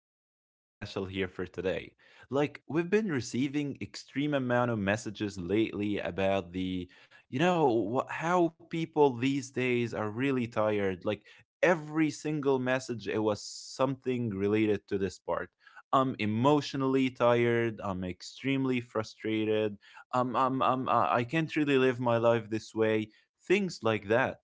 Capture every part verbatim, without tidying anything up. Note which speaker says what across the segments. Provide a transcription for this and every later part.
Speaker 1: really, really special here for today. Like, we've been receiving extreme amount of messages lately about the, you know, wha- how people these days are really tired. Like, every single message, it was something related to this part. I'm emotionally tired. I'm extremely frustrated um, um, um, uh, I can't really live my life this way, things like that.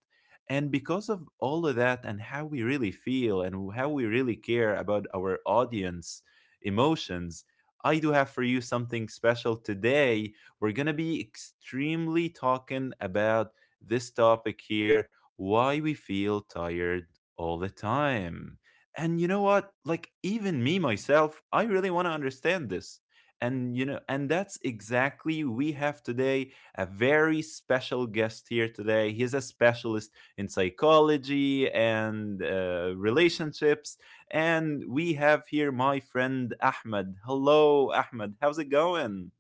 Speaker 1: And because of all of that and how we really feel and how we really care about our audience emotions, I do have for you something special today. We're going to be extremely talking about this topic here why we feel tired all the time. And you know what? Like, even me myself, I really want to understand this, and you know and that's exactly we have today a very special guest here today. He's a specialist in psychology and uh, relationships, and we have here my friend Ahmed. Hello, Ahmed, how's it going?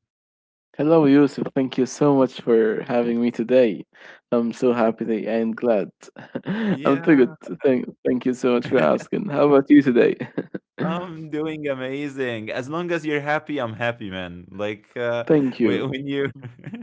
Speaker 2: Hello, Yusuf. Thank you so much for having me today. I'm so happy that- and glad. I'm too
Speaker 1: Yeah.
Speaker 2: good. Thank, thank you so much for asking. How about you today?
Speaker 1: I'm doing amazing. As long as you're happy, I'm happy, man. Like, uh,
Speaker 2: Thank you.
Speaker 1: when, when you,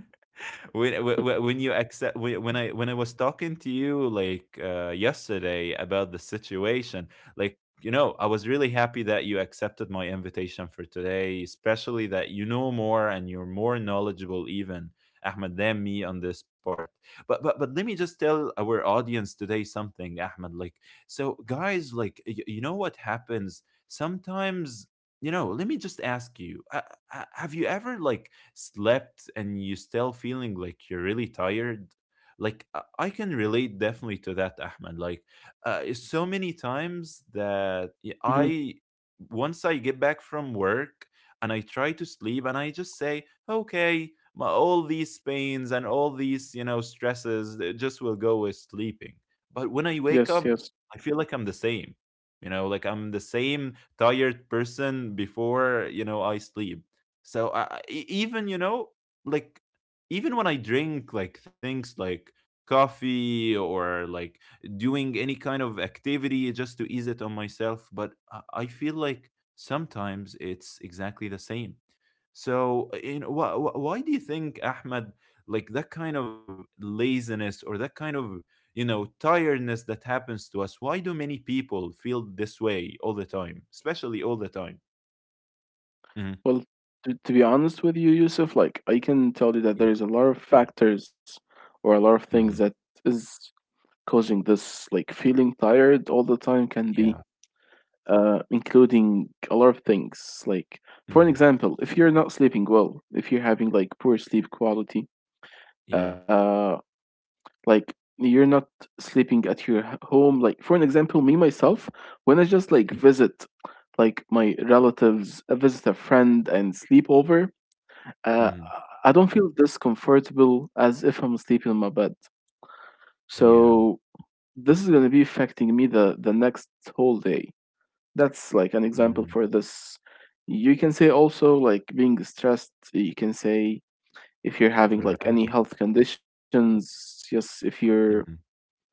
Speaker 1: when, when when you accept, when when I when I was talking to you like uh, yesterday about the situation, like you know, I was really happy that you accepted my invitation for today, especially that you know more and you're more knowledgeable even, Ahmed, than me on this part. But but but let me just tell our audience today something, Ahmed. Like, so, guys, like y- you know what happens sometimes. You know, let me just ask you, uh, uh, have you ever like slept and you still feeling like you're really tired? Like, uh, I can relate definitely to that, ahmed. Like, uh, so many times that y-
Speaker 2: Hmm.
Speaker 1: I, once I get back from work and I try to sleep, and I just say, okay, my, all these pains and all these you know stresses, they just will go with sleeping. But when I wake
Speaker 2: Yes,
Speaker 1: up,
Speaker 2: yes.
Speaker 1: I feel like I'm the same, you know, like I'm the same tired person before you know I sleep. So I, I- e- even you know, like even when I drink like things like coffee or like doing any kind of activity just to ease it on myself, but I I feel like sometimes it's exactly the same. So, uh, you know, why, why do you think, Ahmed, like that kind of laziness or that kind of, you know, tiredness that happens to us, why do many people feel this way all the time, especially all the time? Hmm.
Speaker 2: Well, to, to be honest with you, Yusuf, like I can tell you that
Speaker 1: Yeah.
Speaker 2: there's a lot of factors or a lot of things that
Speaker 1: Hmm.
Speaker 2: is causing this. Like feeling tired all the time can be
Speaker 1: Yeah.
Speaker 2: uh, including a lot of things. Like, for an
Speaker 1: Hmm.
Speaker 2: example, if you're not sleeping well, if you're having like poor sleep quality,
Speaker 1: Yeah.
Speaker 2: uh, like you're not sleeping at your h- home. Like, for an example, me myself, when I just like visit like my relatives, I visit a friend and sleep over, uh,
Speaker 1: Hmm.
Speaker 2: I don't feel this comfortable as if I'm sleeping in my bed.
Speaker 1: Yeah.
Speaker 2: So this is gonna be affecting me the the next whole day. That's like an example for
Speaker 1: Mm.
Speaker 2: this. You can say also like being stressed. You can say if you're having like any
Speaker 1: Correct.
Speaker 2: health conditions. Yes, if you're
Speaker 1: Hmm.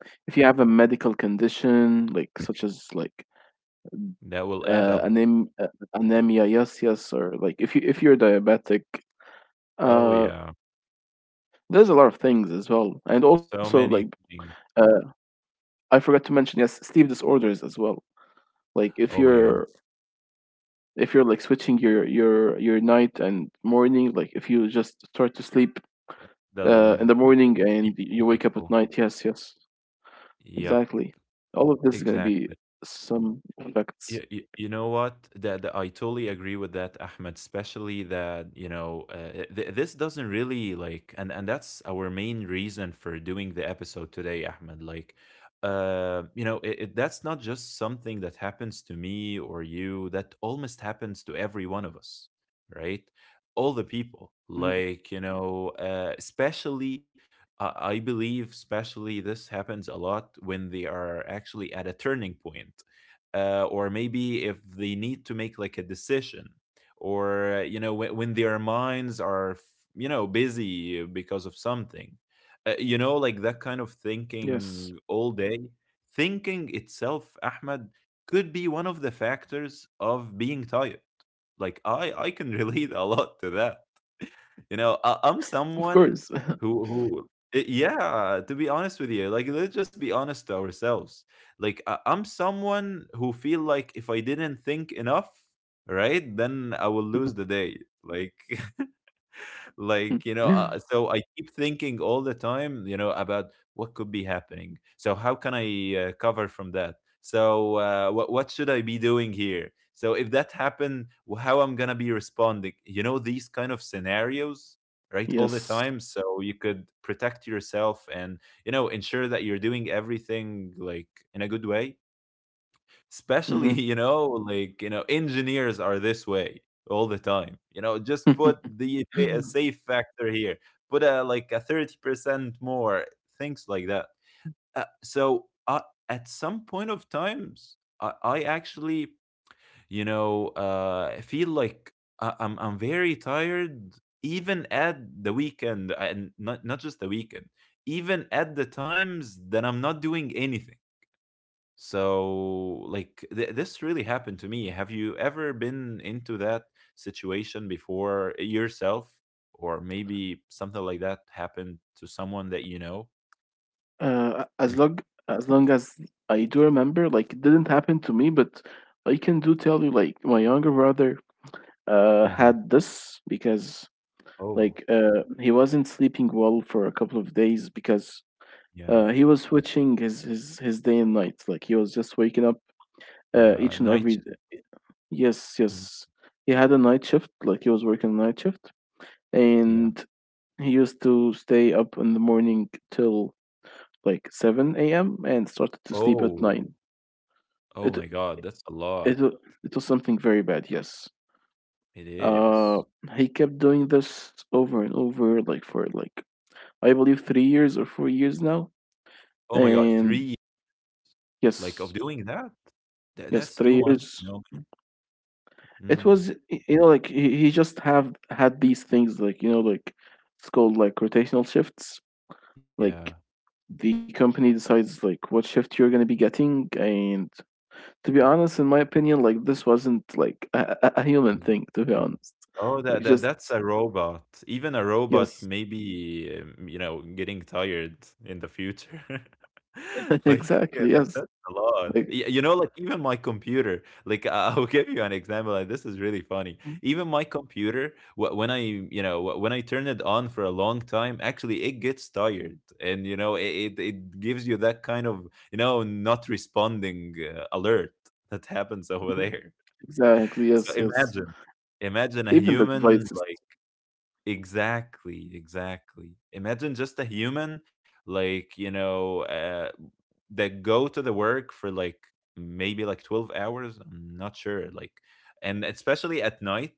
Speaker 2: if you have a medical condition like such as like
Speaker 1: That will add
Speaker 2: uh,
Speaker 1: up.
Speaker 2: anem- uh,
Speaker 1: Mhm.
Speaker 2: anemia. Yes, yes. Or like if you if you're diabetic.
Speaker 1: Oh,
Speaker 2: uh
Speaker 1: yeah.
Speaker 2: there's a lot of things as well. And
Speaker 1: So
Speaker 2: also
Speaker 1: many
Speaker 2: like,
Speaker 1: things.
Speaker 2: uh, I forgot to mention, yes, sleep disorders as well. Like if
Speaker 1: Oh, my
Speaker 2: you're
Speaker 1: God.
Speaker 2: if you're like switching your your your night and morning. Like if you just start to sleep
Speaker 1: The
Speaker 2: uh in
Speaker 1: l-
Speaker 2: the morning and
Speaker 1: Sleeping
Speaker 2: you wake up at
Speaker 1: cycle.
Speaker 2: night. Yes, yes,
Speaker 1: Yep.
Speaker 2: exactly. All of this is going to be
Speaker 1: Exactly.
Speaker 2: some
Speaker 1: You,
Speaker 2: effects.
Speaker 1: you, you know what? That, that I totally agree with that, Ahmed. Especially that you know, uh, th- this doesn't really like, and and that's our main reason for doing the episode today, Ahmed. Like, uh, you know, it, it, that's not just something that happens to me or you. That almost happens to every one of us, right? All the people,
Speaker 2: Mhm.
Speaker 1: like you know, uh, especially. I I believe, especially, this happens a lot when they are actually at a turning point, uh, or maybe if they need to make like a decision, or uh, you know, when, when their minds are f- you know busy because of something, uh, you know, like
Speaker 2: Yes,
Speaker 1: that kind of thinking all day. Thinking itself, Ahmed, could be one of the factors of being tired. Like i i can relate a lot to that, you
Speaker 2: of
Speaker 1: know. I
Speaker 2: course.
Speaker 1: I'm someone who who eh, yeah, to be honest with you, like let's just be honest to ourselves. Like I, I'm someone who feel like if I didn't think enough, right, then I will lose the day. Like, like you know, uh, so I keep thinking all the time, you know, about what could be happening, so how can I uh, cover from that. So uh, what what should I be doing here, so if that happened, wh- how I'm gonna be responding, you know, these kind of scenarios, right, all the
Speaker 2: Yes.
Speaker 1: time, so you could protect yourself and you know ensure that you're doing everything like in a good way. Especially
Speaker 2: Hmm.
Speaker 1: you know, like you know, engineers are this way all the time, you know, just put the fa- a safe factor here, put a like a thirty percent more, things like that. uh, so uh, at some point of times, i, I actually, you know, uh, feel like I- I'm, I'm very tired, even at the weekend, and not, not just the weekend, even at the times that I'm not doing anything. So, like, th- this really happened to me. Have you ever been into that situation before, eh, yourself? Or maybe something like that happened to someone that you know?
Speaker 2: uh as
Speaker 1: Mm.
Speaker 2: long as long as I do remember, like it didn't happen to me, but I can do tell you, like, my younger brother uh
Speaker 1: Mm-hmm.
Speaker 2: had this. Because, like,
Speaker 1: Oh,
Speaker 2: uh, he wasn't sleeping well for a couple of days, because
Speaker 1: yeah.
Speaker 2: uh, he was switching his, his his day and night. Like he was just waking up uh,
Speaker 1: Yeah.
Speaker 2: each and every.
Speaker 1: Night.
Speaker 2: Yes,
Speaker 1: Mhm.
Speaker 2: yes. He had a night shift. Like he was working a night shift,
Speaker 1: Yeah.
Speaker 2: and he used to stay up in the morning till like seven a m and started to sleep at
Speaker 1: Oh,
Speaker 2: nine.
Speaker 1: oh my
Speaker 2: It
Speaker 1: God. That's a
Speaker 2: it
Speaker 1: lot.
Speaker 2: wa- it was something very bad. Yes.
Speaker 1: It
Speaker 2: Uh,
Speaker 1: is.
Speaker 2: he kept doing this over and over, like for like I believe three years or four years now.
Speaker 1: Oh my God. Three,
Speaker 2: And
Speaker 1: like, of
Speaker 2: yes,
Speaker 1: doing that? That
Speaker 2: yes,
Speaker 1: that's too
Speaker 2: three
Speaker 1: much,
Speaker 2: years
Speaker 1: you know?
Speaker 2: it
Speaker 1: Mm.
Speaker 2: was y- you know like he, he just have had these things, like you know like it's called like rotational shifts.
Speaker 1: Yeah.
Speaker 2: Like the company decides like what shift you're going to be getting. And to be honest, in my opinion, like this wasn't like a, a a human thing, to be honest.
Speaker 1: Oh,
Speaker 2: Like,
Speaker 1: that that
Speaker 2: just,
Speaker 1: that's a robot. Even a robot
Speaker 2: yes.
Speaker 1: may be, um, you know, getting tired in the future. Like yeah,
Speaker 2: Exactly,
Speaker 1: that, that's
Speaker 2: yes.
Speaker 1: a lot.
Speaker 2: Like,
Speaker 1: Y- You know, like even my computer. Like I- I'll give you an example. Like this is really funny. Even my computer, wh- when I, you know, wh- when I turn it on for a long time, actually it gets tired, and you know, it it, it gives you that kind of, you know, not responding uh, alert that happens over
Speaker 2: mhm.
Speaker 1: there.
Speaker 2: Exactly.
Speaker 1: So
Speaker 2: Yes, yes.
Speaker 1: imagine, imagine a
Speaker 2: Even the
Speaker 1: human,
Speaker 2: devices.
Speaker 1: like exactly, exactly. Imagine just a human, like, you know, uh, that go to the work for like maybe like twelve hours. I'm not sure. Like, and especially at night.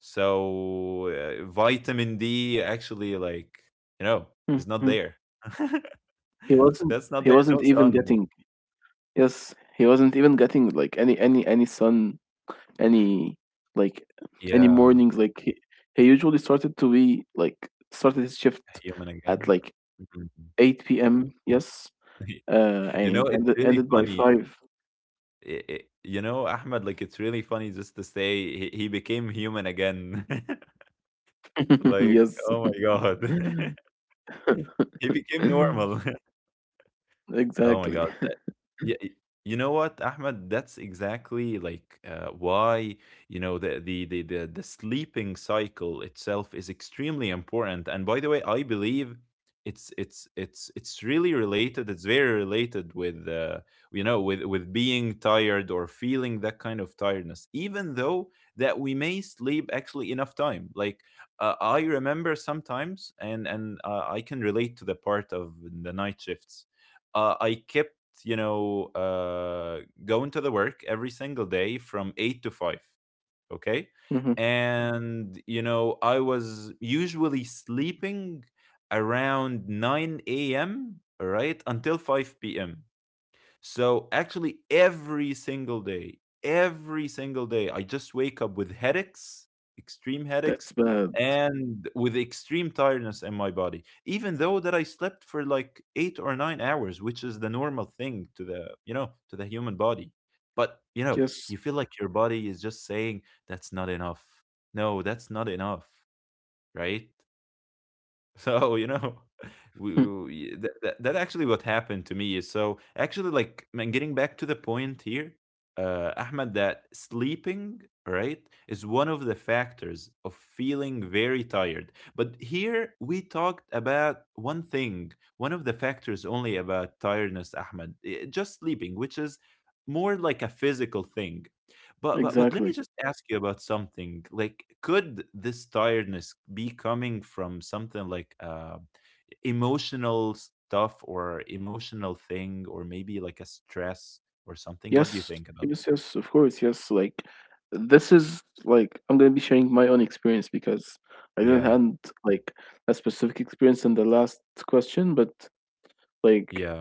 Speaker 1: So uh, vitamin D actually, like, you know, is not
Speaker 2: Hmm.
Speaker 1: there.
Speaker 2: he wasn't
Speaker 1: That's not
Speaker 2: he
Speaker 1: there. No
Speaker 2: wasn't even
Speaker 1: sun.
Speaker 2: getting. Yes, he wasn't even getting like any any any sun, any, like, any
Speaker 1: Yeah.
Speaker 2: mornings. Like he, he usually started to be like started his shift
Speaker 1: Human again.
Speaker 2: at like
Speaker 1: Mhm.
Speaker 2: eight p m. Yes, uh,
Speaker 1: you know,
Speaker 2: and
Speaker 1: it's
Speaker 2: ended
Speaker 1: really
Speaker 2: ended by
Speaker 1: funny,
Speaker 2: five.
Speaker 1: i- i- you know, Ahmed, like it's really funny just to say he, he became human again. like,
Speaker 2: Yes.
Speaker 1: oh my God. he became normal. Oh my
Speaker 2: Exactly.
Speaker 1: god. That- Yeah, y- you know what, Ahmed? That's exactly like uh, why, you know, the, the the the the sleeping cycle itself is extremely important. And by the way, I believe it's it's it's it's really related. It's very related with uh, you know, with with being tired or feeling that kind of tiredness, even though that we may sleep actually enough time. Like, uh, I remember sometimes, and and uh, I can relate to the part of the night shifts. uh, I kept, you know, uh, going to the work every single day from eight to five. Okay.
Speaker 2: Mhm.
Speaker 1: And, you know, I was usually sleeping around nine a m, right, until five p m. So actually, every single day, every single day, I just wake up with headaches, extreme headaches,
Speaker 2: That's bad.
Speaker 1: and with extreme tiredness in my body, even though that I slept for like eight or nine hours, which is the normal thing to the you know to the human body. But you know, you
Speaker 2: Yes.
Speaker 1: feel like your body is just saying that's not enough. No, that's not enough, right? So, you know, we, we that, that that actually what happened to me is, so actually like, man, getting back to the point here, uh Ahmed, that sleeping, right, is one of the factors of feeling very tired. But here we talked about one thing, one of the factors only about tiredness, Ahmed, i- just sleeping, which is more like a physical thing. But but but let me
Speaker 2: Exactly.
Speaker 1: just ask you about something. Like, could this tiredness be coming from something like uh, emotional stuff or emotional thing, or maybe like a stress or something? What do you
Speaker 2: Yes,
Speaker 1: think about?
Speaker 2: yes, yes, of course, yes. Like, this is like I'm gonna be sharing my own experience, because I didn't
Speaker 1: Yeah,
Speaker 2: have like a specific experience in the last question. But like
Speaker 1: yeah,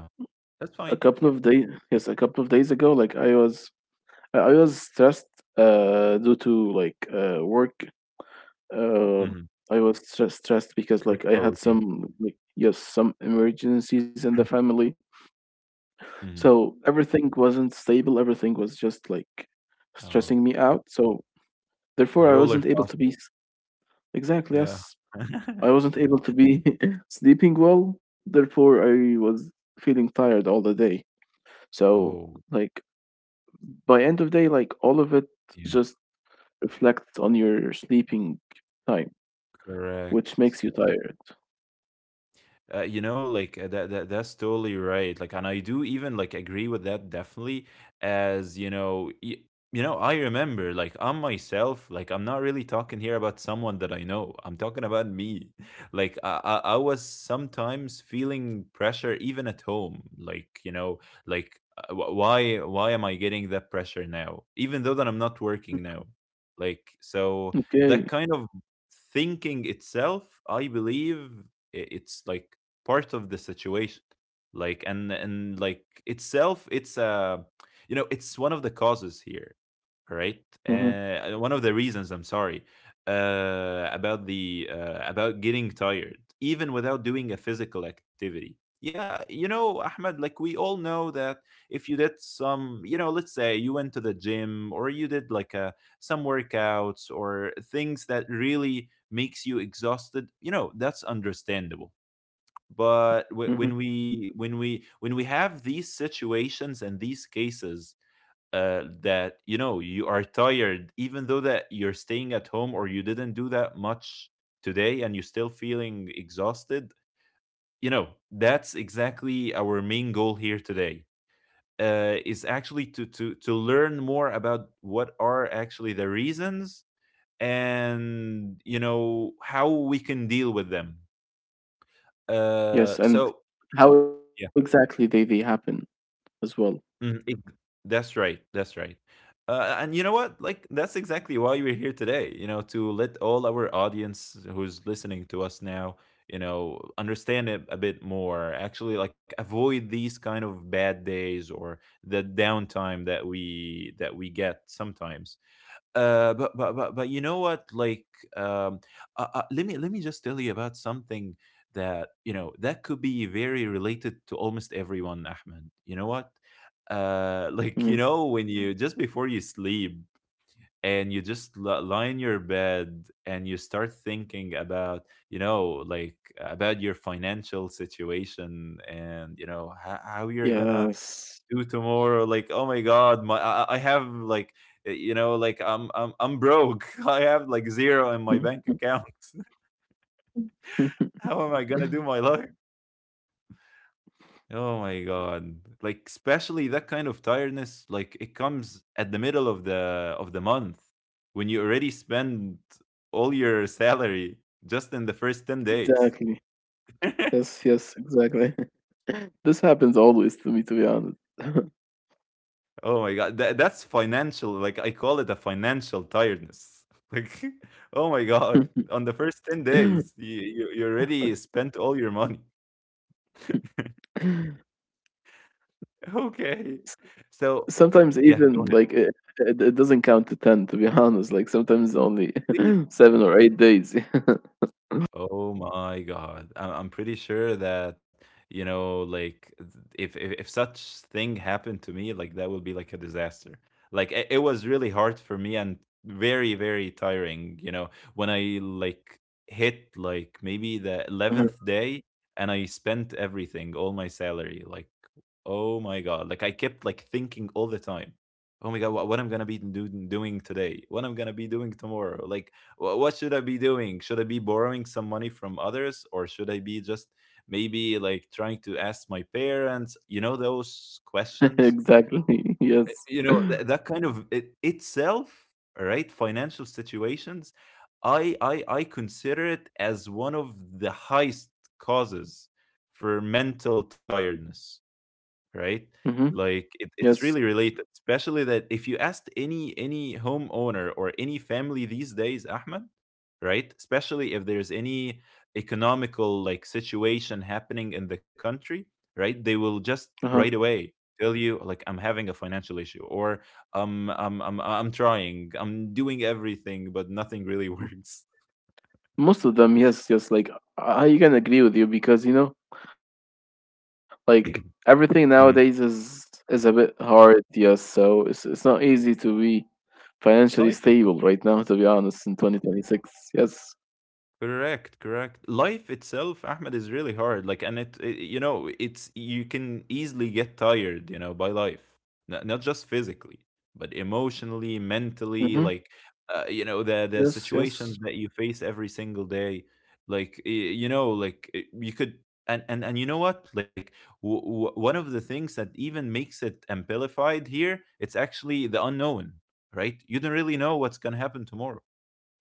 Speaker 1: that's fine.
Speaker 2: a
Speaker 1: Yeah,
Speaker 2: couple of days, yes, a couple of days ago, like I was, I I was stressed, uh, due to like uh work. uh,
Speaker 1: mm-hmm.
Speaker 2: I was stre- stressed because like I
Speaker 1: Workload.
Speaker 2: had
Speaker 1: Yeah.
Speaker 2: some like yes, some emergencies in the family.
Speaker 1: hmm.
Speaker 2: So everything wasn't stable. Everything was just like
Speaker 1: Oh,
Speaker 2: stressing me out. So therefore, I
Speaker 1: roller
Speaker 2: wasn't able to
Speaker 1: coaster.
Speaker 2: be s exactly,
Speaker 1: Yeah.
Speaker 2: yes. I wasn't able to be sleeping well, therefore I was feeling tired all the day. So,
Speaker 1: oh,
Speaker 2: like, by end of day, like, all of it
Speaker 1: yeah,
Speaker 2: just reflects on your sleeping time, which
Speaker 1: correct.
Speaker 2: makes you tired.
Speaker 1: Uh, you know, like uh, that, that that's totally right. Like, and I do even like agree with that definitely. As you know, y- you know, I remember like I'm myself. Like, I'm not really talking here about someone that I know. I'm talking about me. Like, I I, I was sometimes feeling pressure even at home. Like, you know, like uh, wh- why why am I getting that pressure now? Even though that I'm not working now. Like, so
Speaker 2: Okay.
Speaker 1: that kind of thinking itself, I believe i- it's like part of the situation, like and and like itself, it's uh you know, it's one of the causes here, right?
Speaker 2: Mm-hmm.
Speaker 1: Uh, one of the reasons, I'm sorry, uh about the uh, about getting tired even without doing a physical activity, yeah. You know, Ahmed, like we all know that if you did some, you know, let's say you went to the gym or you did like a some workouts or things that really makes you exhausted, you know, that's understandable. But w- when
Speaker 2: Mm-hmm.
Speaker 1: we when we when we have these situations and these cases, uh, that you know, you are tired even though that you're staying at home or you didn't do that much today and you're still feeling exhausted. You know, that's exactly our main goal here today, uh, is actually to to to learn more about what are actually the reasons and you know how we can deal with them. uh
Speaker 2: Yes, and
Speaker 1: so
Speaker 2: how exactly
Speaker 1: yeah.
Speaker 2: they they happen as well.
Speaker 1: Mm, ex That's right, that's right. Uh, and you know what? Like that's exactly why we're here today, you know, to let all our audience who's listening to us now, you know, understand it a bit more. Actually, like avoid these kind of bad days or the downtime that we that we get sometimes. Uh, but but but but you know what? Like, um, uh, uh, let me let me just tell you about something that you know that could be very related to almost everyone, Ahmed. You know what? Uh,
Speaker 2: Mm.
Speaker 1: like you know, when you just before you sleep and you just li- lie in your bed and you start thinking about, you know, like about your financial situation and you know how, how you're gonna
Speaker 2: Yes.
Speaker 1: do tomorrow. Like, oh my god, my I, I I have like, uh, you know, like i'm i'm i'm broke. I have like zero in my bank account. How am I going to do my life? Oh my god. Like especially that kind of tiredness, like it comes at the middle of the of the month when you already spend all your salary just in the first ten days.
Speaker 2: Exactly. Yes, yes, exactly. This happens always to me, to be honest.
Speaker 1: Oh my god, that, that's financial. Like I call it a financial tiredness. Like, oh my god, on the first ten days, you you, you already spent all your money. Okay,
Speaker 2: S-
Speaker 1: so
Speaker 2: Sometimes
Speaker 1: yeah,
Speaker 2: even
Speaker 1: go
Speaker 2: like it, it, it doesn't count to ten, to be honest. Like sometimes only
Speaker 1: ahead.
Speaker 2: seven or eight days.
Speaker 1: Oh my God. I- I'm pretty sure that, you know, like th- if, if if such thing happened to me, like that would be like a disaster. Like it, it was really hard for me and very, very tiring, you know, when I like hit like maybe the
Speaker 2: Uh-huh.
Speaker 1: eleventh day and I spent everything, all my salary. Like, oh my god! Like I kept like thinking all the time. Oh my god! What, what I'm gonna be do- doing today? What I'm gonna be doing tomorrow? Like wh- what should I be doing? Should I be borrowing some money from others, or should I be just maybe like trying to ask my parents? You know, those questions.
Speaker 2: Exactly.
Speaker 1: Uh,
Speaker 2: Yes.
Speaker 1: You know th- that kind of it itself, right? Financial situations. I I I consider it as one of the highest causes for mental tiredness, right?
Speaker 2: Mm-hmm.
Speaker 1: Like it, it's
Speaker 2: Yes.
Speaker 1: really related, especially that if you asked any any homeowner or any family these days, Ahmed, right? Especially if there's any economical like situation happening in the country, right? They will just
Speaker 2: Uh-huh.
Speaker 1: right away tell you like, I'm having a financial issue or um I'm I'm I'm trying, I'm doing everything, but nothing really works.
Speaker 2: Most of them, yes, yes. Like I I can agree with you because, you know like everything
Speaker 1: Mhm.
Speaker 2: nowadays is is a bit hard. Yes, so it's it's not easy to be financially
Speaker 1: Life
Speaker 2: stable
Speaker 1: is
Speaker 2: right now. To be honest, in twenty twenty six. Yes.
Speaker 1: correct, correct. Life itself, Ahmed, is really hard. Like, and it, it- you know, it's you can easily get tired, you know, by life, not, not just physically, but emotionally, mentally. Like,
Speaker 2: Mm-hmm.
Speaker 1: uh, you know, the the
Speaker 2: Yes.
Speaker 1: situations that
Speaker 2: Yes.
Speaker 1: you face every single day. Like, y- you know, like it- you could, and and and you know what? Like, w- w- one of the things that even makes it amplified here, it's actually the unknown, right? You don't really know what's gonna happen tomorrow.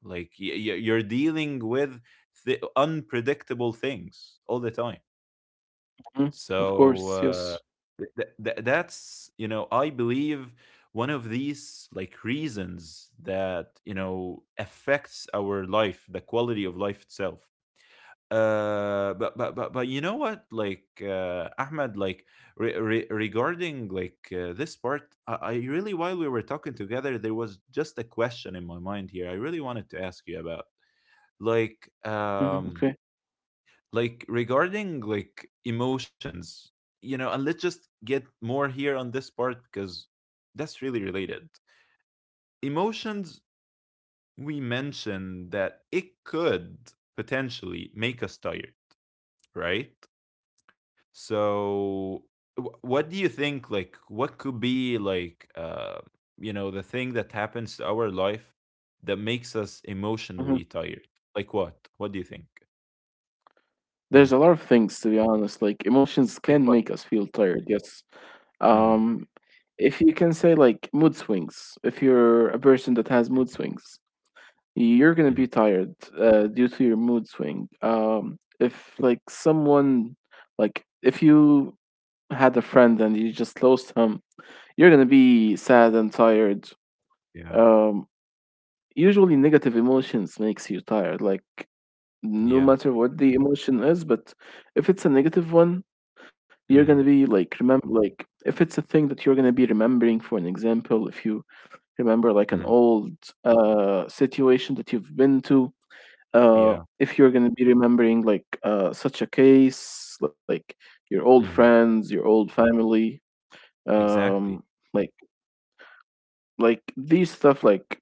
Speaker 1: Like y- y- you're dealing with th- unpredictable things all the time.
Speaker 2: Hmm. Of
Speaker 1: So
Speaker 2: course.
Speaker 1: uh,
Speaker 2: Yes.
Speaker 1: th- th- th- that's, you know, I believe one of these like reasons that you know affects our life, the quality of life itself. Uh, but but but but you know what? Like uh, Ahmed, like re- re- regarding like uh, this part, I-, I really while we were talking together, there was just a question in my mind here. I really wanted to ask you about like
Speaker 2: Hmm.
Speaker 1: um
Speaker 2: Okay.
Speaker 1: like regarding like emotions, you know, and let's just get more here on this part because that's really related. Emotions, we mentioned that it could potentially make us tired, right? So wh- what do you think, like what could be like uh you know, the thing that happens to our life that makes us
Speaker 2: Hmm.
Speaker 1: emotionally tired? Like what what do you think? Hmm,
Speaker 2: There's a lot of things, to be honest. Like emotions
Speaker 1: like
Speaker 2: can
Speaker 1: what?
Speaker 2: make us feel tired. Yes.
Speaker 1: Hmm.
Speaker 2: Um, if you can say like mood swings. If you're a person that has mood swings, you're gonna be tired uh, due to your mood swing. Um, if like someone, like if you had a friend and you just lost him, you're gonna be sad and tired.
Speaker 1: Yeah,
Speaker 2: Um, usually negative emotions makes you tired. Like no
Speaker 1: yeah,
Speaker 2: matter what the emotion is, but if it's a negative one, you're gonna
Speaker 1: mhm,
Speaker 2: be like remember, like if it's a thing that you're gonna be remembering. For an example, if you remember like an
Speaker 1: mhm,
Speaker 2: old uh situation that you've been to. uh,
Speaker 1: yeah,
Speaker 2: if you're going to be remembering like, uh, such a case, like your old
Speaker 1: mhm,
Speaker 2: friends, your old family,
Speaker 1: exactly,
Speaker 2: um, like like these stuff, like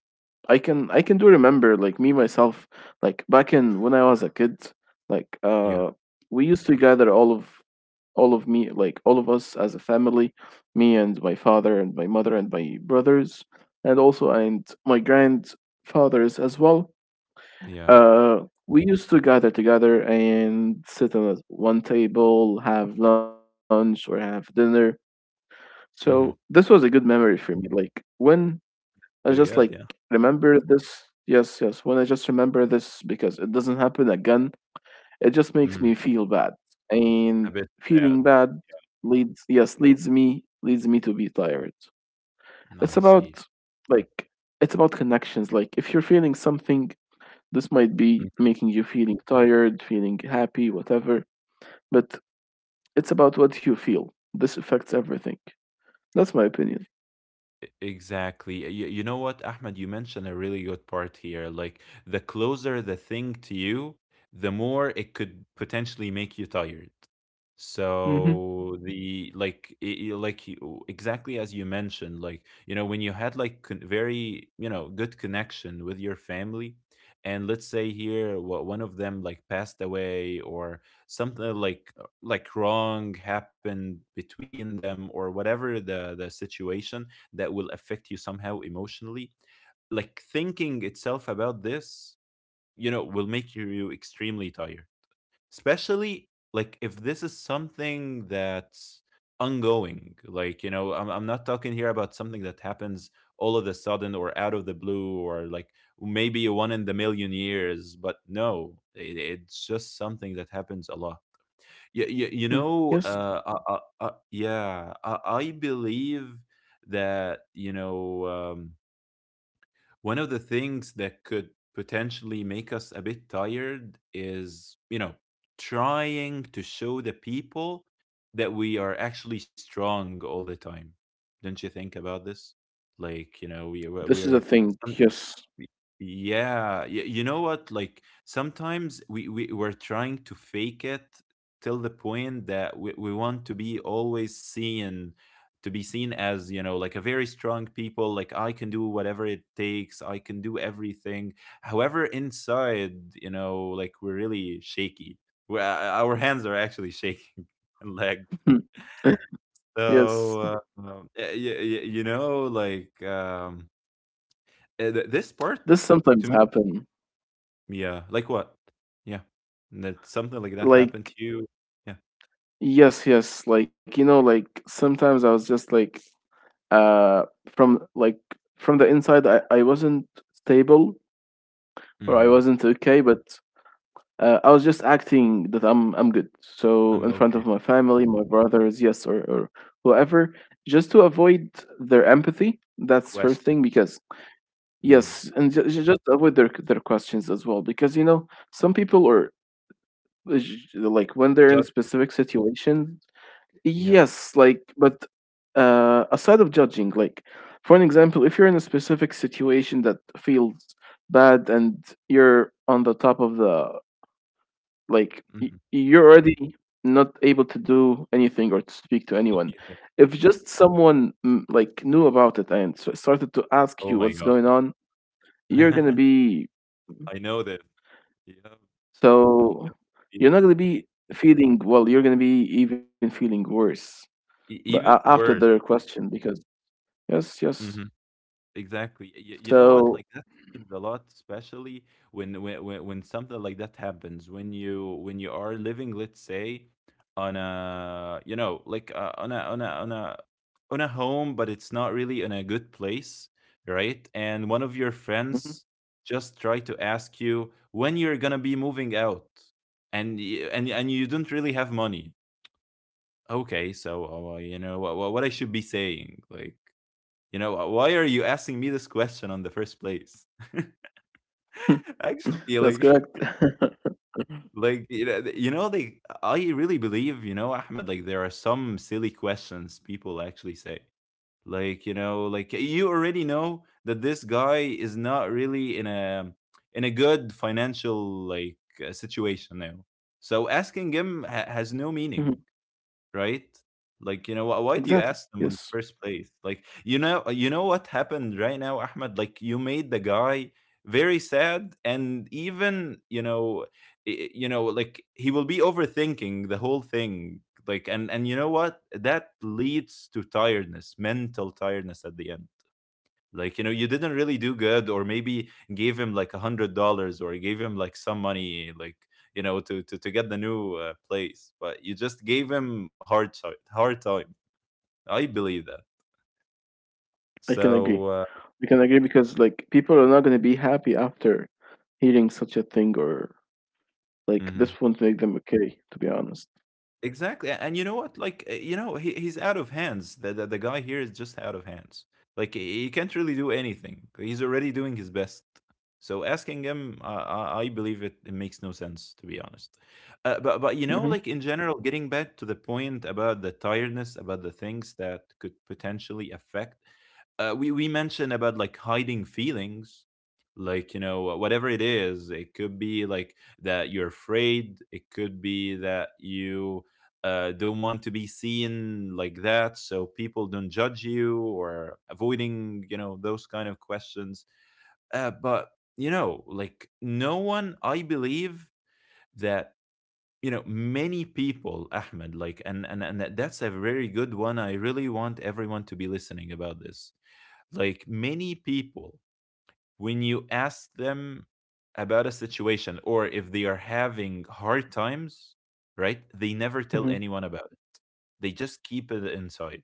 Speaker 2: I can I can do remember, like me myself, like back in when I was a kid, like,
Speaker 1: yeah,
Speaker 2: uh, we used to gather all of all of me like all of us as a family, me and my father and my mother and my brothers, and also and my grandfathers as well.
Speaker 1: yeah,
Speaker 2: Uh, we used to gather together and sit on one table, have lunch or have dinner. So this
Speaker 1: mhm,
Speaker 2: was a good memory for me. Like when I just
Speaker 1: really
Speaker 2: like
Speaker 1: good, yeah,
Speaker 2: remember this, yes, yes. When I just remember this, because it doesn't happen again, it just makes me
Speaker 1: mhm,
Speaker 2: feel bad.
Speaker 1: a
Speaker 2: And
Speaker 1: bit
Speaker 2: feeling
Speaker 1: sad,
Speaker 2: bad leads, yes, leads me leads me to be tired.
Speaker 1: now I
Speaker 2: It's
Speaker 1: see,
Speaker 2: about like it's about connections. Like if you're feeling something, this might be
Speaker 1: mhm.
Speaker 2: making you feeling tired, feeling happy, whatever, but it's about what you feel. This affects everything. That's my opinion.
Speaker 1: E- Exactly. You, you know what, Ahmed? You mentioned a really good part here. Like, the closer the thing to you, the more it could potentially make you tired.
Speaker 2: Hmm.
Speaker 1: So the like i- i- like you- exactly as you mentioned, like you know when you had like con- very you know good connection with your family, and let's say here what one of them like passed away or something like uh, like wrong happened between them or whatever the the situation that will affect you somehow emotionally. Like thinking itself about this, you know, will make you extremely tired, especially like if this is something that's ongoing. Like, you know, I'm, I'm not talking here about something that happens all of a sudden or out of the blue or like maybe a one in the million years, but no, it, it's just something that happens a lot. You, you, you
Speaker 2: Hmm.
Speaker 1: know,
Speaker 2: Yes.
Speaker 1: uh, uh, uh, uh, yeah, I, I believe that you know, um, one of the things that could potentially make us a bit tired is, you know, trying to show the people that we are actually strong all the time. Don't you think about this? Like you know, we, we're
Speaker 2: This is a
Speaker 1: we're
Speaker 2: thing. Yes.
Speaker 1: Y- yeah, y- you know what? Like sometimes we, we we're trying to fake it till the point that we, we want to be always seen, to be seen as, you know, like a very strong people, like I can do whatever it takes, I can do everything. However, inside, you know, like we're really shaky. We uh, Our hands are actually shaking and leg.
Speaker 2: Yes,
Speaker 1: So, uh, um, y- y- y- you know, like um, uh, th- this
Speaker 2: this
Speaker 1: part.
Speaker 2: sometimes happen.
Speaker 1: Yeah, like what? Yeah. That something like that happened
Speaker 2: Like,
Speaker 1: to you? Yeah.
Speaker 2: yes, yes, like, you know, like sometimes I was just like uh from like from the inside I I wasn't stable or I
Speaker 1: Mhm.
Speaker 2: wasn't okay. But Uh, I was just acting that I'm I'm good. So
Speaker 1: I'm
Speaker 2: in front of
Speaker 1: okay.
Speaker 2: my family, my brothers, yes, or, or whoever, just to avoid their empathy. That's first
Speaker 1: Question.
Speaker 2: thing. Because yes,
Speaker 1: Mm.
Speaker 2: and ju- ju- just avoid their their questions as well. Because, you know some people are uh, j- like when they're in
Speaker 1: Judge you.
Speaker 2: specific situations.
Speaker 1: Yep.
Speaker 2: Yes, like. But uh, aside of judging, like for an example, if you're in a specific situation that feels bad and you're on the top of the, like, y-
Speaker 1: Mhm.
Speaker 2: you're already not able to do anything or to speak to anyone.
Speaker 1: Immediately.
Speaker 2: If just someone mm, like knew about it and s- started to ask
Speaker 1: Oh
Speaker 2: you
Speaker 1: my
Speaker 2: what's
Speaker 1: god.
Speaker 2: going on, you're gonna be.
Speaker 1: I know that. Yeah.
Speaker 2: So you're not gonna
Speaker 1: Feeling.
Speaker 2: be feeling well. You're gonna be even feeling worse.
Speaker 1: E
Speaker 2: But a-
Speaker 1: even
Speaker 2: after
Speaker 1: worse.
Speaker 2: their question, because yes, yes.
Speaker 1: Mhm. Exactly. You, you know what?
Speaker 2: So.
Speaker 1: Like that happens a lot, especially when, when when when something like that happens. When you when you are living, let's say, on a you know like uh, on a on a on a on a home, but it's not really in a good place, right? And one of
Speaker 2: Mhm.
Speaker 1: your friends just try to ask you when you're gonna be moving out, and y- and and you don't really have money. Okay, so uh, you know what what I should be saying, like, you know, why are you asking me this question on the first place? Actually,
Speaker 2: That's
Speaker 1: like,
Speaker 2: correct.
Speaker 1: like you know, th- you know, they. I really believe, you know, Ahmed. Like, there are some silly questions people actually say. Like, you know, like you already know that this guy is not really in a in a good financial like uh, situation now. So asking him ha-
Speaker 2: Mhm.
Speaker 1: has no meaning, right? Like, you know,
Speaker 2: Exactly.
Speaker 1: wh- why do you
Speaker 2: Yes,
Speaker 1: ask them in the first place? Like, you know, uh, you know what happened right now, Ahmed? Like, you made the guy very sad, and even you know, i- you know, like he will be overthinking the whole thing. Like, and and you know what? That leads to tiredness, mental tiredness at the end. Like you know, you didn't really do good, or maybe gave him like a hundred dollars or gave him like some money, like, you know, to to, to get the new uh, place, but you just gave him hard ti- hard time, I believe that.
Speaker 2: I can
Speaker 1: So
Speaker 2: agree.
Speaker 1: uh,
Speaker 2: I can agree, because like people are not going to be happy after hearing such a thing, or like
Speaker 1: mhm.
Speaker 2: this won't make them okay, to be honest.
Speaker 1: Exactly. And you know what? Like, uh, you know, he, he's out of hands. The, the, the guy here is just out of hands. Like, he he can't really do anything. He's already doing his best. So asking him, uh, I, I believe it, it makes no sense, to be honest. Uh, but, but, you know,
Speaker 2: Mm-hmm.
Speaker 1: like in general, getting back to the point about the tiredness, about the things that could potentially affect uh, we we mentioned about like hiding feelings, like, you know, whatever it is, it could be like that you're afraid, it could be that you uh, don't want to be seen like that so people don't judge you, or avoiding, you know, those kind of questions. Uh, but you know, like, no one, I believe that, you know, many people, Ahmed, like and, and and that- that's a very good one. I really want everyone to be listening about this. Like, many people, when you ask them about a situation or if they are having hard times, right, they never tell
Speaker 2: Mm-hmm.
Speaker 1: anyone about it. They just keep it inside.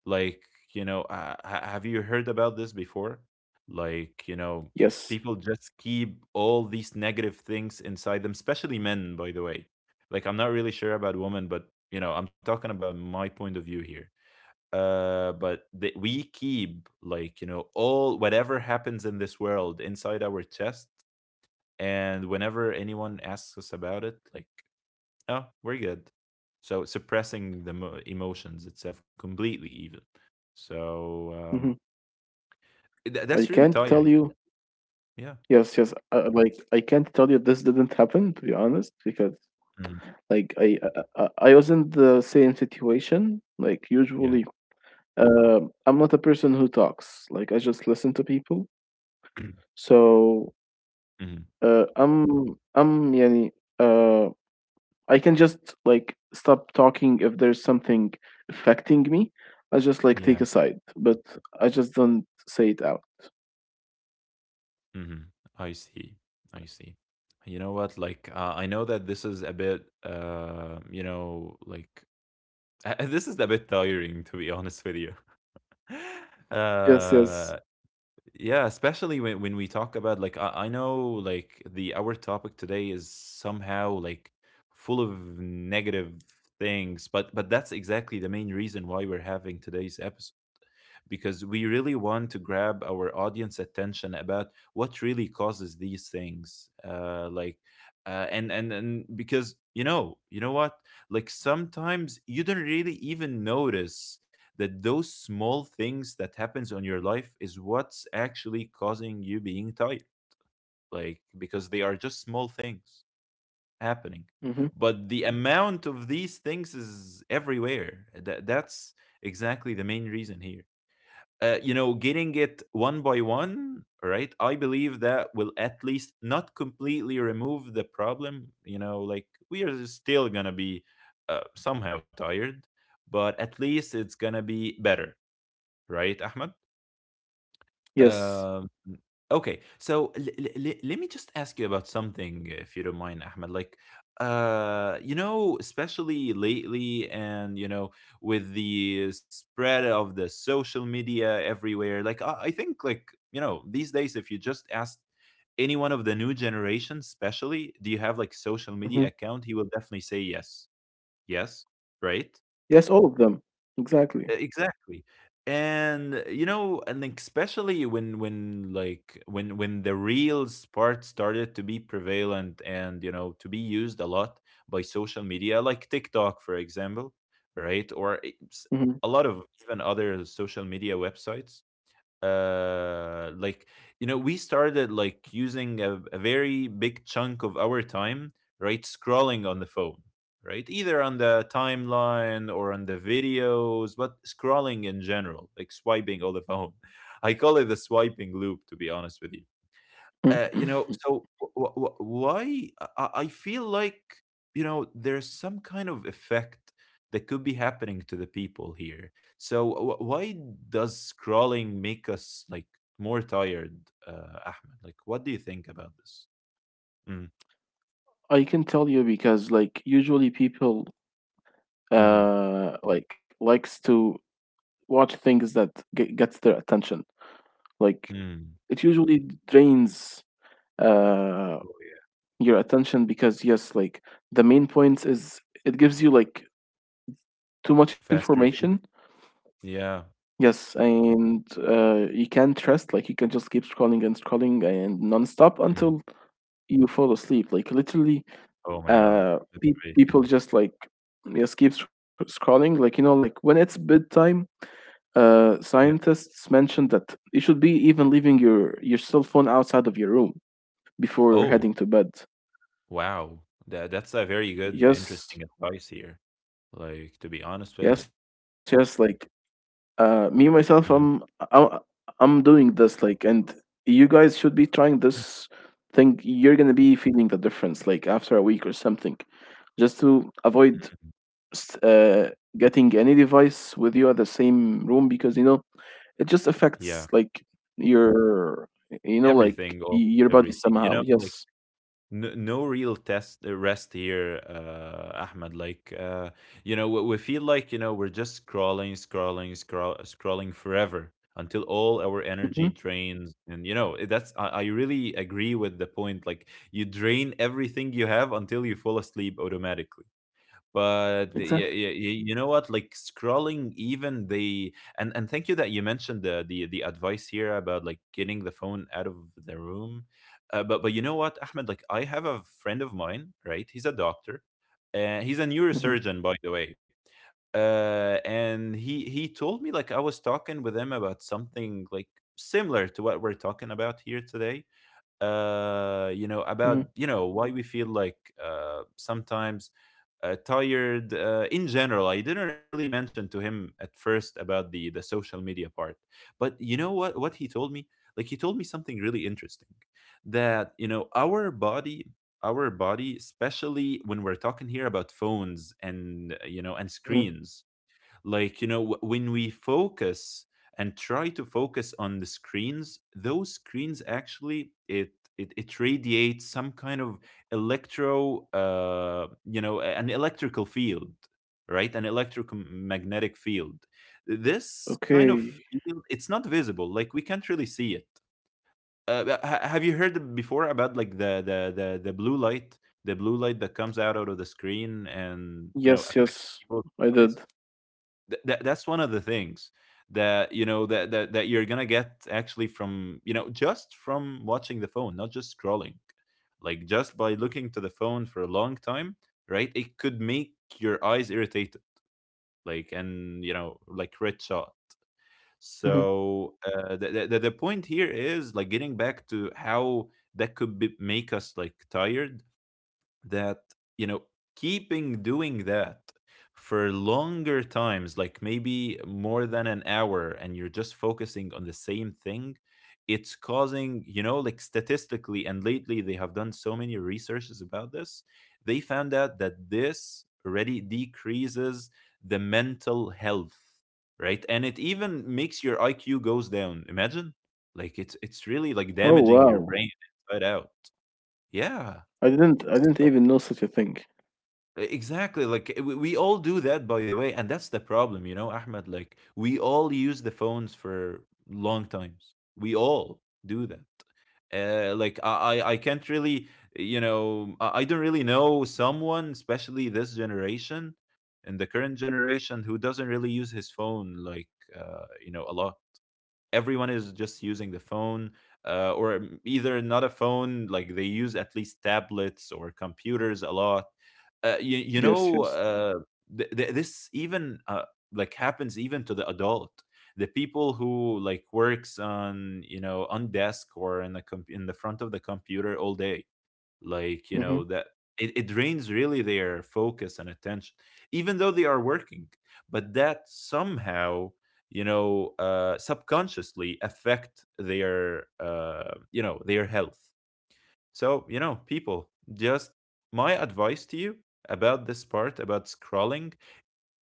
Speaker 1: Like, you know, uh, ha- have you heard about this before? Like, you know,
Speaker 2: Yes.
Speaker 1: people just keep all these negative things inside them, especially men, by the way. Like, I'm not really sure about women, but you know, I'm talking about my point of view here. Uh but that we keep, like, you know, all whatever happens in this world inside our chest. And whenever anyone asks us about it, like, oh, we're good. So suppressing the mo- emotions itself completely even. So,
Speaker 2: Mm-hmm.
Speaker 1: um th-
Speaker 2: I
Speaker 1: that's really
Speaker 2: can't tell
Speaker 1: tiring.
Speaker 2: you.
Speaker 1: Yeah.
Speaker 2: Yes, yes. Uh, like I can't tell you this didn't happen, to be honest, because
Speaker 1: Mhm.
Speaker 2: like I I, I I was in the same situation. Like
Speaker 1: Yeah.
Speaker 2: usually, uh, I'm not a person who talks. Like I just listen to people. So
Speaker 1: Mhm.
Speaker 2: uh, I'm I'm يعني, uh, I can just like stop talking if there's something affecting me. I just like take
Speaker 1: Yeah.
Speaker 2: a side, but I just don't say it out.
Speaker 1: Hmm. I see. I see. You know what, like, uh, I know that this is a bit uh you know, like, Uh, this is a bit tiring, to be honest with you.
Speaker 2: Yes,
Speaker 1: Uh,
Speaker 2: yes.
Speaker 1: yeah, especially when, when we talk about, like, I, I know, like, the our topic today is somehow like full of negative things, but but that's exactly the main reason why we're having today's episode, because we really want to grab our audience attention about what really causes these things, uh like, uh, and and and because, you know, you know what, like, sometimes you don't really even notice that those small things that happens on your life is what's actually causing you being tired. Like, because they are just small things happening.
Speaker 2: Hmm.
Speaker 1: But the amount of these things is everywhere, that that's exactly the main reason here. Uh, you know, getting it one by one, right? I believe that will at least not completely remove the problem. You know, like, we are still gonna be uh, somehow tired, but at least it's gonna be better, right, Ahmed?
Speaker 2: Yes.
Speaker 1: Um, Okay, so l- l- l- let me just ask you about something, if you don't mind, Ahmed. Like, uh, you know, especially lately, and you know, with the spread of the social media everywhere, like, I, I think, like, you know, these days, if you just ask anyone of the new generation, especially, do you have like social media
Speaker 2: Hmm.
Speaker 1: account? He will definitely say yes, yes, right?
Speaker 2: Yes, all of them.
Speaker 1: E,
Speaker 2: Exactly.
Speaker 1: Exactly. And you know, and like, especially when when like when when the reels part started to be prevalent and, you know, to be used a lot by social media, like TikTok, for example, right? Or it's
Speaker 2: Hmm.
Speaker 1: a lot of even other social media websites. Uh like, you know, we started like using a, a very big chunk of our time, right, scrolling on the phone, right, either on the timeline or on the videos, but scrolling in general, like swiping all the phone. I call it the swiping loop, to be honest with you. Uh, you know, so w- w- why I I- feel like, you know, there's some kind of effect that could be happening to the people here. So wh- why does scrolling make us like more tired, uh, Ahmed? Like, what do you think about this? Mm,
Speaker 2: I can tell you, because like usually people
Speaker 1: hmm.
Speaker 2: uh like likes to watch things that ge- gets their attention. Like
Speaker 1: Mm.
Speaker 2: it usually drains uh,
Speaker 1: Oh yeah,
Speaker 2: your attention, because, yes, like the main points is it gives you like too much information.
Speaker 1: fast relief. Yeah.
Speaker 2: Yes, and uh, you can't trust. Like you can just keep scrolling and scrolling and non-stop
Speaker 1: Mm.
Speaker 2: until you fall asleep. Like literally,
Speaker 1: Oh my God,
Speaker 2: uh,
Speaker 1: that's
Speaker 2: pe-
Speaker 1: great. Yeah,
Speaker 2: people just like, yes, keep sc- scrolling. Like, you know, like when it's bedtime, uh,
Speaker 1: yeah.
Speaker 2: scientists mentioned that you should be even leaving your your cell phone outside of your room before
Speaker 1: Oh,
Speaker 2: heading to bed.
Speaker 1: wow, that that's a very good,
Speaker 2: Yes,
Speaker 1: interesting advice here. Like, to be honest with you.
Speaker 2: yes, yes. Like, uh, me myself, I'm
Speaker 1: Mhm.
Speaker 2: I'm I'm doing this. Like, and you guys should be trying this thing. You're gonna be feeling the difference, like after a week or something, just to avoid
Speaker 1: Mhm.
Speaker 2: s- uh, getting any device with you at the same room, because you know it just
Speaker 1: Yeah,
Speaker 2: affects like your you know like y-
Speaker 1: everything or
Speaker 2: your body
Speaker 1: everything. You know,
Speaker 2: somehow.
Speaker 1: like,
Speaker 2: Yes.
Speaker 1: no, no real test uh, rest here, uh, Ahmed. Like, uh, you know, we, we feel like, you know, we're just scrolling, scrolling, scroll, scrolling forever until all our energy
Speaker 2: Mm-hmm.
Speaker 1: drains. And you know, that's, I, I really agree with the point. Like, you drain everything you have until you fall asleep automatically. But the- yeah, yeah,
Speaker 2: Exactly.
Speaker 1: yeah, you know what, like, scrolling even the and and thank you that you mentioned the the, the advice here about like getting the phone out of the room. Uh, but but you know what, Ahmed, like, I have a friend of mine, right, he's a doctor, and he's a
Speaker 2: Mm-hmm.
Speaker 1: neurosurgeon, by the way. Uh, and he he told me, like, I was talking with him about something like similar to what we're talking about here today, uh
Speaker 2: Mm-hmm.
Speaker 1: you know, about, you know, why we feel like uh sometimes uh, tired, uh, in general. I didn't really mention to him at first about the the social media part. But you know what what he told me, like, he told me something really interesting, that, you know, our body, our body, especially when we're talking here about phones and uh, you know, and
Speaker 2: Mm-hmm.
Speaker 1: screens, like, you know, wh- when we focus and try to focus on the screens, those screens actually it, it, it radiates some kind of electro uh you know, a- an electrical field, right, an electromagnetic field. This kind
Speaker 2: Okay.
Speaker 1: of field, it's not visible, like, we can't really see it. Uh, but ha- have you heard before about, like, the, the the the blue light, the blue light that comes out out of the screen and, you know,
Speaker 2: Yes.
Speaker 1: affects
Speaker 2: Yes.
Speaker 1: people's
Speaker 2: I
Speaker 1: eyes?
Speaker 2: did.
Speaker 1: Th- that that's one of the things that, you know, that that that you're gonna get actually from, you know, just from watching the phone, not just scrolling. Like, just by looking to the phone for a long time, right? It could make your eyes irritated, like, and, you know, like red shot.
Speaker 2: Mm-hmm.
Speaker 1: So, uh, the, the the point here is like getting back to how that could be, make us like tired. That, you know, keeping doing that for longer times, like maybe more than an hour, and you're just focusing on the same thing, it's causing, you know, like statistically, and lately they have done so many researches about this, they found out that this already decreases the mental health, right, and it even makes your IQ goes down. Imagine, like, it's it's really like
Speaker 2: Oh
Speaker 1: damaging your
Speaker 2: wow!
Speaker 1: brain inside out. Yeah, so
Speaker 2: I didn't I didn't even know such a thing.
Speaker 1: E, exactly. Like, eh, we, we all do that, by the way, and that's the problem, you know, Ahmed. Like, we all use the phones for long times. We all do that. Uh, like I, I, I can't really, you know, I, I don't really know someone, especially this generation and the current generation, who doesn't really use his phone. Like, uh, you know, a lot. Everyone is just using the phone, uh, or m- either not a phone. Like, they use at least tablets or computers a lot. uh, you, you
Speaker 2: Yes,
Speaker 1: know
Speaker 2: yes.
Speaker 1: uh, th- th- this even uh, like happens even to the adult, the people who like works on, you know, on desk or in the com- in the front of the computer all day, like, you
Speaker 2: Mm-hmm.
Speaker 1: know, that it, it drains really their focus and attention, even though they are working, but that somehow, you know, uh subconsciously affect their uh you know, their health. So, you know, people, just my advice to you about this part about scrolling: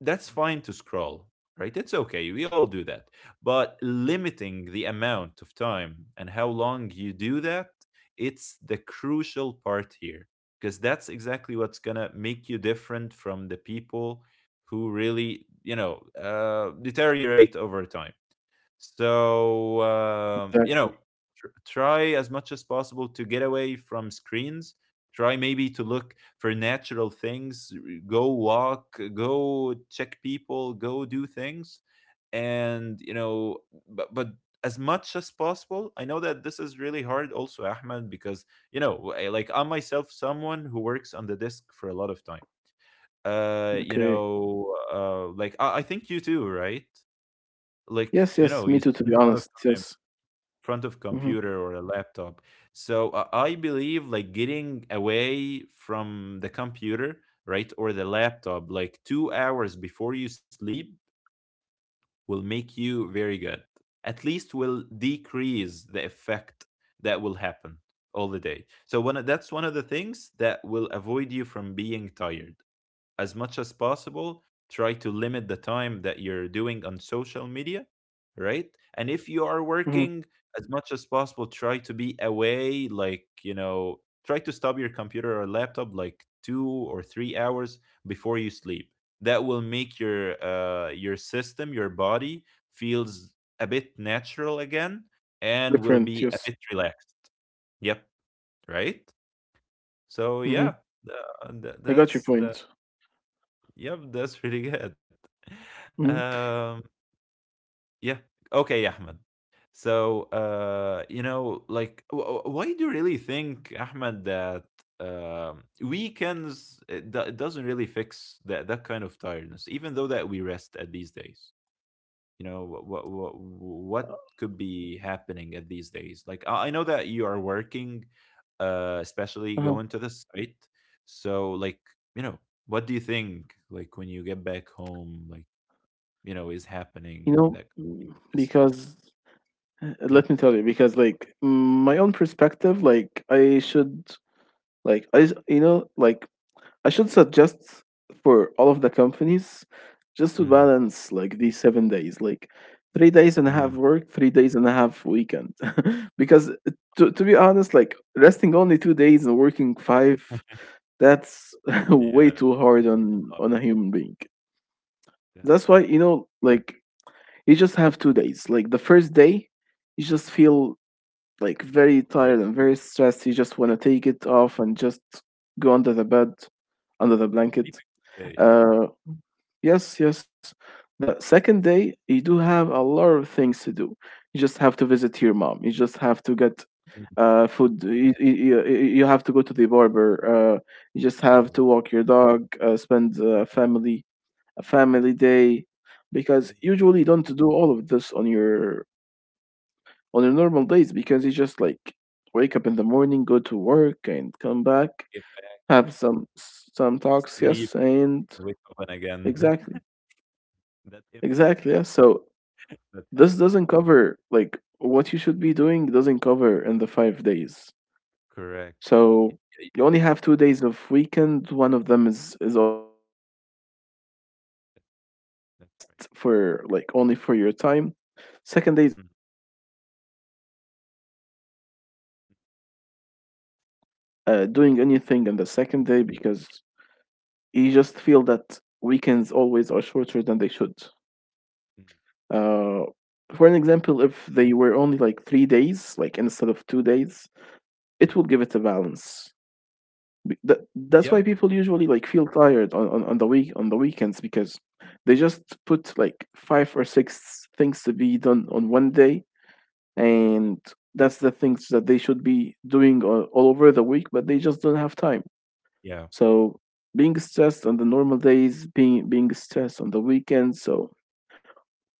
Speaker 1: that's fine to scroll, right? It's okay. We all do that. But limiting the amount of time and how long you do that, it's the crucial part here, because that's exactly what's going to make you different from the people who really, you know, uh, deteriorate over time. So, um, you know,
Speaker 2: Exactly.
Speaker 1: tr- try as much as possible to get away from screens. Try maybe to look for natural things, r- go walk, go check people, go do things. And, you know, but, but as much as possible, I know that this is really hard also, Ahmed, because, you know, I- like, I'm myself someone who works on the desk for a lot of time. Uh, you
Speaker 2: Okay.
Speaker 1: know, uh, like, I, I think you too, right? Like,
Speaker 2: Yes,
Speaker 1: you
Speaker 2: yes. Me
Speaker 1: know,
Speaker 2: too.
Speaker 1: you
Speaker 2: To be
Speaker 1: spend a lot of
Speaker 2: honest,
Speaker 1: time
Speaker 2: yes.
Speaker 1: in front of
Speaker 2: Mm-hmm.
Speaker 1: computer or a laptop. So uh, I believe, like, getting away from the computer, right, or the laptop, like two hours before you sleep, will make you very good. At least will decrease the effect that will happen all the day. So one of, that's one of the things that will avoid you from being tired. As much as possible, try to limit the time that you're doing on social media, right? And if you are
Speaker 2: Mm-hmm.
Speaker 1: working, as much as possible, try to be away, like, you know, try to stop your computer or laptop like two or three hours before you sleep. That will make your uh your system, your body, feels a bit natural again, and will
Speaker 2: Different.
Speaker 1: be a
Speaker 2: Yes.
Speaker 1: bit relaxed. Yep. Right. So,
Speaker 2: Mm-hmm.
Speaker 1: yeah, th- th-
Speaker 2: I got your
Speaker 1: that's the…
Speaker 2: point.
Speaker 1: Yep, that's really good.
Speaker 2: Mm-hmm.
Speaker 1: Um, yeah. Okay, Ahmed. So, uh, you know, like, wh- wh- why do you really think, Ahmed, that, um, weekends it, do- it doesn't really fix that that kind of tiredness, even though that we rest at these days? You know what what what, what could be happening at these days, like, i I know that you are working, uh especially
Speaker 2: Uh-huh.
Speaker 1: going to the site, so, like, you know, what do you think, like, when you get back home, like, you know, is happening
Speaker 2: You
Speaker 1: that
Speaker 2: know, mm,
Speaker 1: is hap-
Speaker 2: because uh,
Speaker 1: Yeah.
Speaker 2: let me tell you, because like mm, my own perspective, like I should, like I, s- you know, like I should suggest for all of the companies just to
Speaker 1: Mm,
Speaker 2: balance like these seven days, like three days and a
Speaker 1: mm,
Speaker 2: half work, three days and a half weekend. Because, to, to be honest, like resting only two days and working five, that's way
Speaker 1: yeah.
Speaker 2: too hard on
Speaker 1: uh,
Speaker 2: on a human being. That's
Speaker 1: that's
Speaker 2: why, you know, like you just have two days. Like the first day, you just feel like
Speaker 1: sleeping all
Speaker 2: very
Speaker 1: day,
Speaker 2: tired and very stressed. You just
Speaker 1: right?
Speaker 2: want to take it off and just go under the bed, under the blanket,
Speaker 1: Sleeping all day.
Speaker 2: uh, yes, yes. The second day, you do have a lot of things to do. You just have to visit your mom. You just have to get
Speaker 1: Mm.
Speaker 2: uh, food. You, you, you you have to go to the barber. Uh, you just have
Speaker 1: Oh,
Speaker 2: to walk your dog. Uh, spend a
Speaker 1: right.
Speaker 2: family a family day,
Speaker 1: Mm.
Speaker 2: because usually you don't do all of this on your on your normal days,
Speaker 1: Uh,
Speaker 2: because you just like wake up in the morning, go to work, and come back,
Speaker 1: get back,
Speaker 2: have some some talks.
Speaker 1: sleep
Speaker 2: Yes, and
Speaker 1: and wake up and again.
Speaker 2: exactly.
Speaker 1: That infinite.
Speaker 2: Exactly. Yeah. So
Speaker 1: That happened.
Speaker 2: this doesn't cover like what you should be doing doesn't cover in the five days.
Speaker 1: Correct. Y
Speaker 2: So
Speaker 1: y
Speaker 2: you only have two days of weekend. One of them is is always like for your rest, for
Speaker 1: That's
Speaker 2: like
Speaker 1: right.
Speaker 2: only for your time. Second day is always fully
Speaker 1: Mhm,
Speaker 2: booked, like y- you're not going to be able to be uh, doing anything on the second day, because you just feel that weekends always are shorter than they should.
Speaker 1: mhm,
Speaker 2: Uh,
Speaker 1: I see.
Speaker 2: for an example, if they were only like three days, like instead of two days, it
Speaker 1: Mhm.
Speaker 2: will give it a balance. Be- That, that's
Speaker 1: Yeah.
Speaker 2: why people usually like feel tired on, on, on the week on the weekends, because they just put like five or six things to be done on one day.
Speaker 1: Mhm.
Speaker 2: And that's the things that they should be doing all, all over the week, but they just don't have time.
Speaker 1: Yeah.
Speaker 2: So being stressed on the normal days, being being stressed on the weekends. So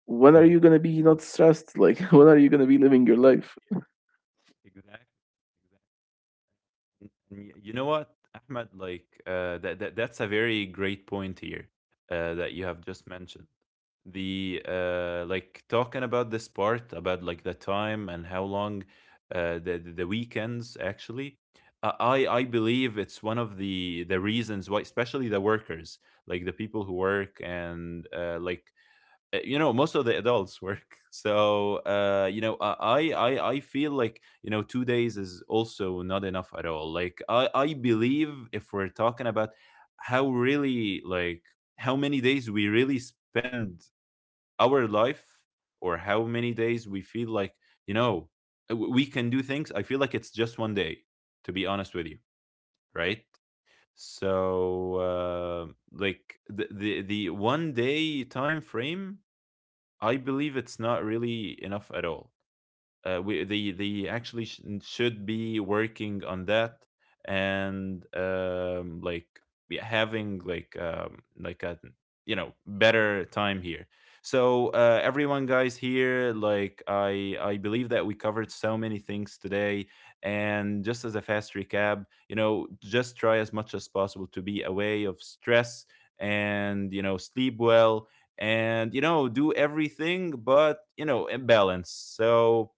Speaker 2: when are
Speaker 1: Mhm.
Speaker 2: you gonna be not stressed? Like, when are you gonna be living your life?
Speaker 1: Exactly. Exactly. And y- you know what, Ahmed? Like, uh, that, that that's a very great point here, uh, that you have just mentioned. The, uh, like, talking about this part about like the time and how long, uh, the the the weekends actually. uh, I I believe it's one of the the reasons why,
Speaker 2: Hmm.
Speaker 1: especially the workers, like the people who work, and, uh, like uh, you know, most of the adults work. So, uh you know, i i i I
Speaker 2: I
Speaker 1: feel
Speaker 2: can
Speaker 1: like,
Speaker 2: agree.
Speaker 1: you know, two
Speaker 2: Yes,
Speaker 1: days is also not enough at all. Like, i I believe if we're talking about how really like how many days we really spend our life, or how many days we feel like, you know, uh, w- we can do things, I feel like it's just one day, to be honest with you, right? So, uh, like the, the the one day time frame, I believe it's not really enough at all. Uh, we they they actually sh- should be working on that, and, um like, be having like, um like a, you know, better time here. So, uh everyone, guys, here, like, I I believe that we covered so many things today, and just as a fast recap, you know, just try as much as possible to be away of stress, and, you know, sleep well, and, you know, do everything but, you know, in balance. So,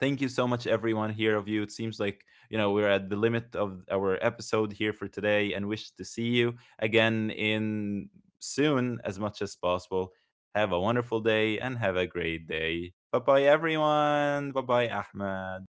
Speaker 1: thank you so much everyone here of you. It seems like, you know, we're at the limit of our episode here for today, and wish to see you again in soon as much as possible. Have a wonderful day, and have a great day. Bye bye everyone. Bye bye, Ahmed.